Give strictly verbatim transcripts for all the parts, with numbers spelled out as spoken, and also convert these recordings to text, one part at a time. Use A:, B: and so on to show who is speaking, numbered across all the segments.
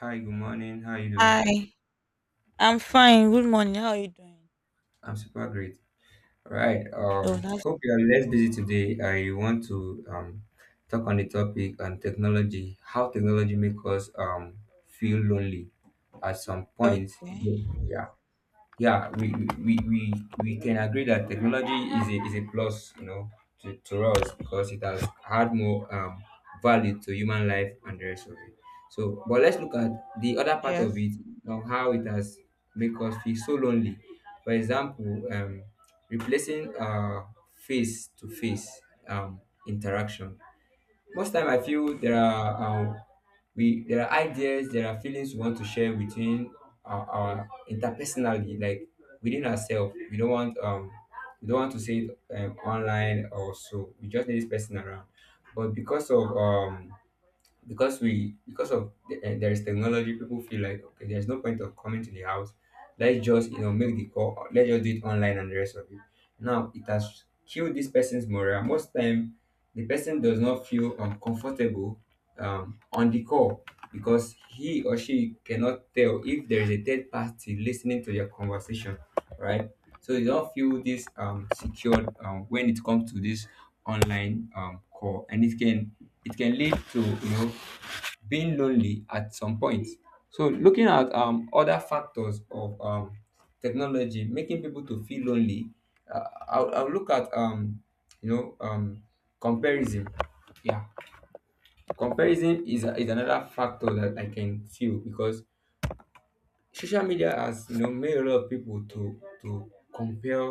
A: Hi, good morning. How are you doing?
B: Hi, I'm fine. Good morning. How are you doing?
A: I'm super great. All right.
B: Oh,
A: Um,
B: that's
A: hope you are less busy today. I want to um talk on the topic on technology, how technology makes us um feel lonely at some point.
B: okay.
A: Yeah. yeah we we, we we can agree that technology is a, is a plus, you know, to, to us, because it has had more um, value to human life and the rest of it. So but let's look at the other part of
B: Yes.
A: it, on how it has make us feel so lonely. For example, um, replacing uh, face to face um, interaction. Most time I feel there are um, we there are ideas, there are feelings we want to share within our, our interpersonally, like within ourselves. We don't want um we don't want to say it um, online or so, we just need this person around. But because of um because we because of the, eh, there is technology, people feel like, okay, there's no point of coming to the house, let's just, you know, make the call, or let's just do it online and the rest of it. Now it has killed this person's morale. Most time the person does not feel uncomfortable, um, on the call, because he or she cannot tell if there is a third party listening to your conversation, right? So you don't feel this um secured um when it comes to this online um call, and it can, it can lead to, you know, being lonely at some point. So looking at um other factors of um technology making people to feel lonely, uh, I'll, I'll look at um you know um comparison. Yeah. Comparison is, a- is another factor that I can feel, because social media has, you know, made a lot of people to to compare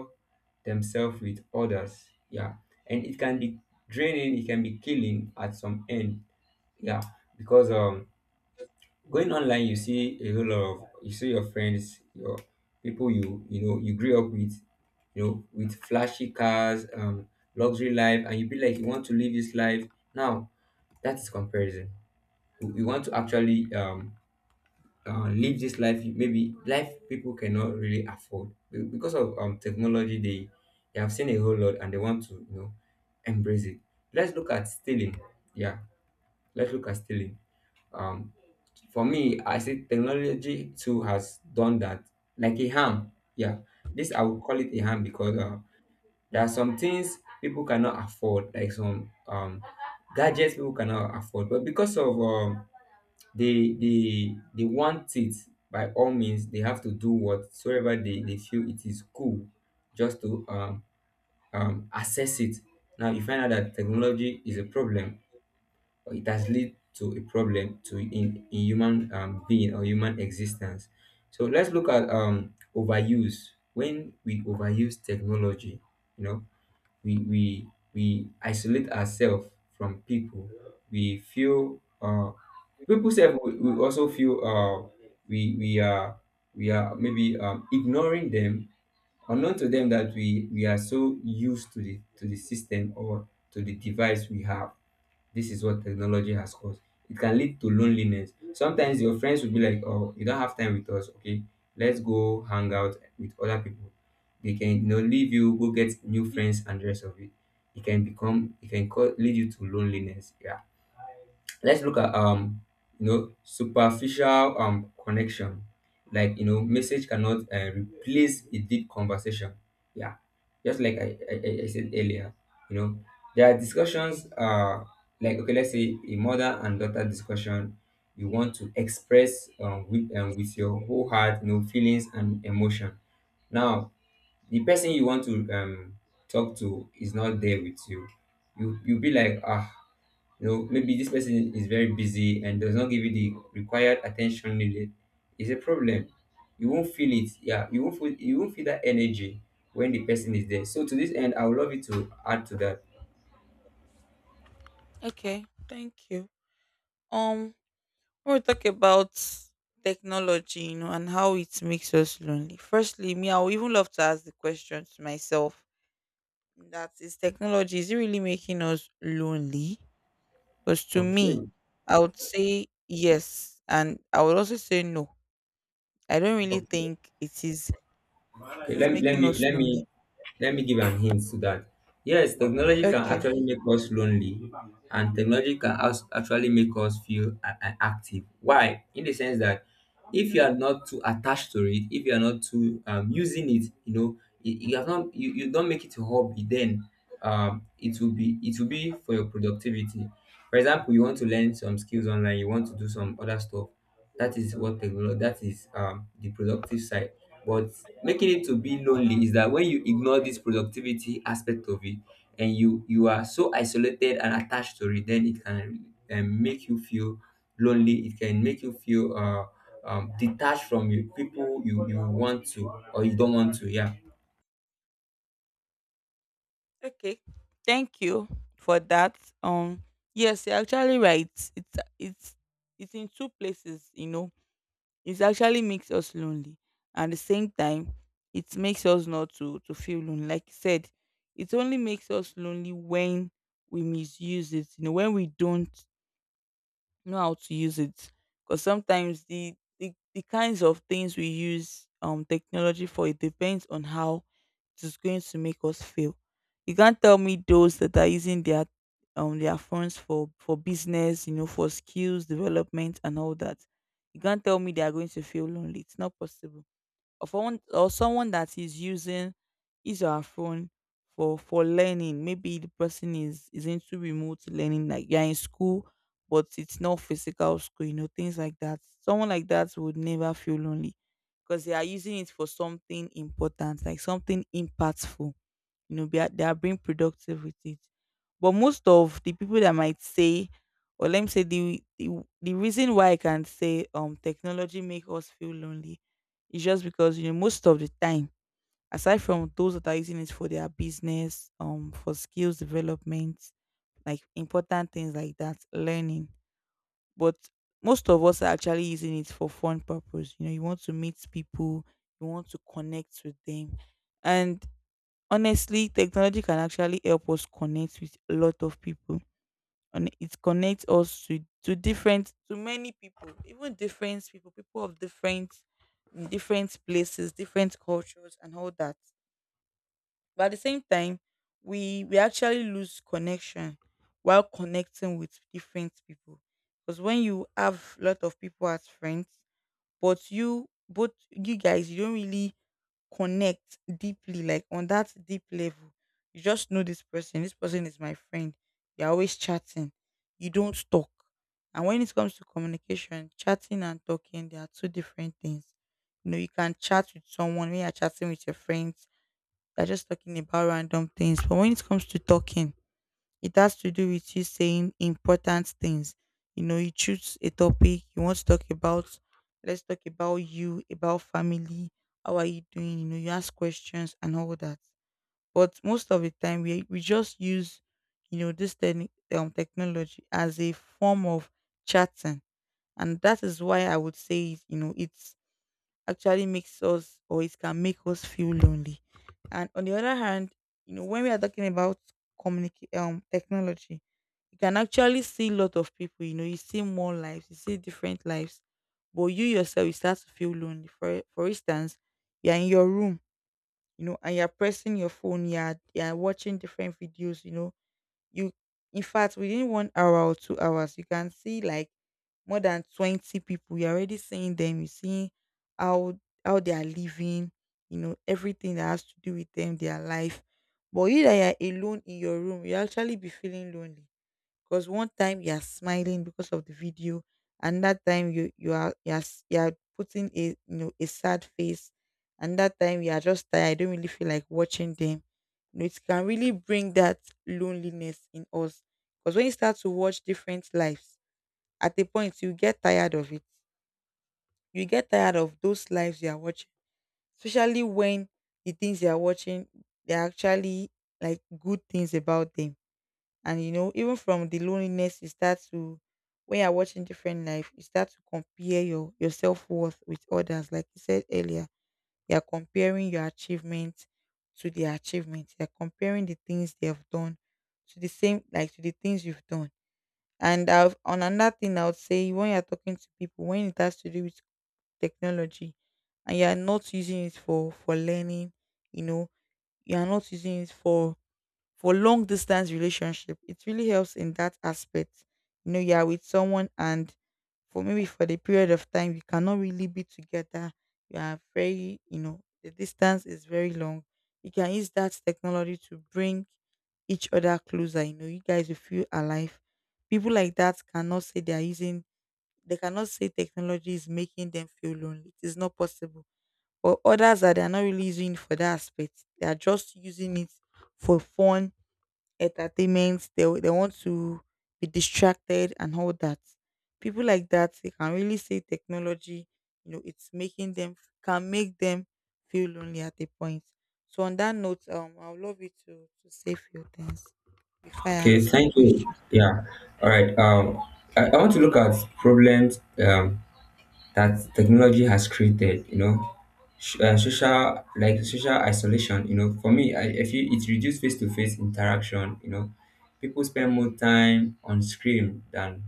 A: themselves with others. Yeah. And it can be draining, it can be killing at some end. Yeah. Because um going online, you see a whole lot of, you see your friends, your people you, you know, you grew up with, you know, with flashy cars, um luxury life, and you be like, you want to live this life now. That's comparison. We we want to actually um uh, live this life, maybe life people cannot really afford. Be- because of um technology, they they have seen a whole lot and they want to, you know, embrace it. Let's look at stealing. Yeah. Let's look at stealing. um for me, I say technology too has done that, like a harm. Yeah. This I would call it a harm, because uh, there are some things people cannot afford, like some um gadgets people cannot afford. But because of um they they they want it by all means. They have to do whatsoever they, they feel it is cool, just to um, um assess it. Now you find out that technology is a problem, or it has led to a problem to in, in human um, being or human existence. So let's look at um overuse. When we overuse technology, you know, we we we isolate ourselves from people. We feel uh people self will, will also feel uh we we are, we are maybe um ignoring them, unknown to them that we we are so used to the to the system or to the device we have. This is what technology has caused. It can lead to loneliness. Sometimes your friends will be like, oh, you don't have time with us, okay, let's go hang out with other people. They can, you know, leave you, go get new friends and the rest of it. It can become, it can co- lead you to loneliness. Yeah. Let's look at um you know superficial um connection. Like, you know, message cannot uh, replace a deep conversation. Yeah. Just like I, I i I said earlier, you know, there are discussions uh like, okay, let's say a mother and daughter discussion. You want to express um, with um, with your whole heart, you know, feelings and emotion. Now the person you want to um talk to is not there with you. You you be like, ah, you know, maybe this person is very busy and does not give you the required attention needed. It's a problem. You won't feel it. Yeah, you won't feel you won't feel that energy when the person is there. So to this end, I would love you to add to that.
B: Okay. Thank you. Um, we'll talk about technology, you know, and how it makes us lonely. Firstly, me, I would even love to ask the question to myself, that is technology, is it really making us lonely? Because to me,
A: Okay.
B: I would say yes. And I would also say no. I don't really
A: okay,
B: think it is it
A: okay.
B: is
A: Let, let
B: making
A: me
B: us
A: let
B: lonely.
A: me Let me give an hint to that. Yes, technology can
B: Okay.
A: actually make us lonely, and technology can als- actually make us feel a- a- active. Why? In the sense that, if you are not too attached to it, if you are not too um, using it, you know, you, you have not you, you don't make it a hobby, then um, it will be it will be for your productivity. For example, you want to learn some skills online, you want to do some other stuff. That is what technology. That is um, the productive side. But making it to be lonely is that when you ignore this productivity aspect of it, and you you are so isolated and attached to it, then it can um, make you feel lonely. It can make you feel uh, um, detached from you people you, you want to, or you don't want to. Yeah.
B: Okay. Thank you for that. Um yes, you're actually right. It's it's it's in two places, you know. It actually makes us lonely. At the same time, it makes us not to to feel lonely. Like you said, it only makes us lonely when we misuse it, you know, when we don't know how to use it, because sometimes the, the the kinds of things we use um technology for, it depends on how it's going to make us feel. You can't tell me those that are using their um their phones for for business, you know, for skills development and all that. You can't tell me they are going to feel lonely. It's not possible. Or for one, or someone that is using his or her phone for for learning. Maybe the person is is into remote learning, like you're in school, but it's not physical school, you know, things like that. Someone like that would never feel lonely because they are using it for something important, like something impactful, you know, be a- they are being productive with it. But most of the people that might say, or let me say the the, the reason why I can say um technology make us feel lonely is just because, you know, most of the time, aside from those that are using it for their business, um for skills development, like important things like that, learning. But most of us are actually using it for fun purpose. You know, you want to meet people, you want to connect with them. And honestly, technology can actually help us connect with a lot of people, and it connects us to to different, to many people, even different people, people of different different places, different cultures, and all that. But at the same time, we we actually lose connection while connecting with different people, because when you have a lot of people as friends, but you both you guys you don't really connect deeply, like on that deep level. You just know this person. This person is my friend. You're always chatting. You don't talk. And when it comes to communication, chatting and talking, they are two different things. You know, you can chat with someone when you're chatting with your friends. They're just talking about random things. But when it comes to talking, it has to do with you saying important things. You know, you choose a topic you want to talk about. Let's talk about you, about family. How are you doing? You know, you ask questions and all that. But most of the time, we we just use, you know, this techni- um, technology as a form of chatting, and that is why I would say, you know, it's actually makes us, or it can make us feel lonely. And on the other hand, you know, when we are talking about communicate um technology, you can actually see a lot of people, you know, you see more lives, you see different lives, but you yourself, you start to feel lonely. For, for instance, you're in your room, you know, and you're pressing your phone, you're, you're watching different videos, you know, you, in fact, within one hour or two hours, you can see like more than twenty people. You're already seeing them, you see how, how they are living, you know, everything that has to do with them, their life. But you that you're alone in your room, you actually be feeling lonely, because one time you are smiling because of the video, and that time you you are you are, s- you are putting a, you know, a sad face, and that time you are just tired. I don't really feel like watching them. You know, it can really bring that loneliness in us. Because when you start to watch different lives, at a point you get tired of it. You get tired of those lives you are watching, especially when the things you are watching, they are actually like good things about them. And you know, even from the loneliness, you start to, when you're watching different life, you start to compare your your self worth with others. Like you said earlier, you're comparing your achievement to their achievements. You're comparing the things they have done to the same, like to the things you've done. And I've, on another thing, I would say when you're talking to people, when it has to do with technology, and you're not using it for for learning, you know, you're not using it for for long distance relationship, it really helps in that aspect. You know, you are with someone, and for maybe for the period of time you cannot really be together, you are very, you know, the distance is very long, you can use that technology to bring each other closer. You know, you guys will feel alive. People like that cannot say they are using, they cannot say technology is making them feel lonely. It is not possible. But others that they are not really using it for that aspect, they are just using it for fun, entertainment. They w- they want to be distracted and all that. People like that, they can really say technology, you know, it's making them, can make them feel lonely at a point. So on that note, um, I would love you to to say few things before I
A: Okay,
B: ask my
A: thank you.
B: question.
A: Yeah. All right. Um i, I want to look at problems um that technology has created, you know, sh- uh, social like social isolation. You know, for me, I, I feel it reduced face-to-face interaction. You know, people spend more time on screen than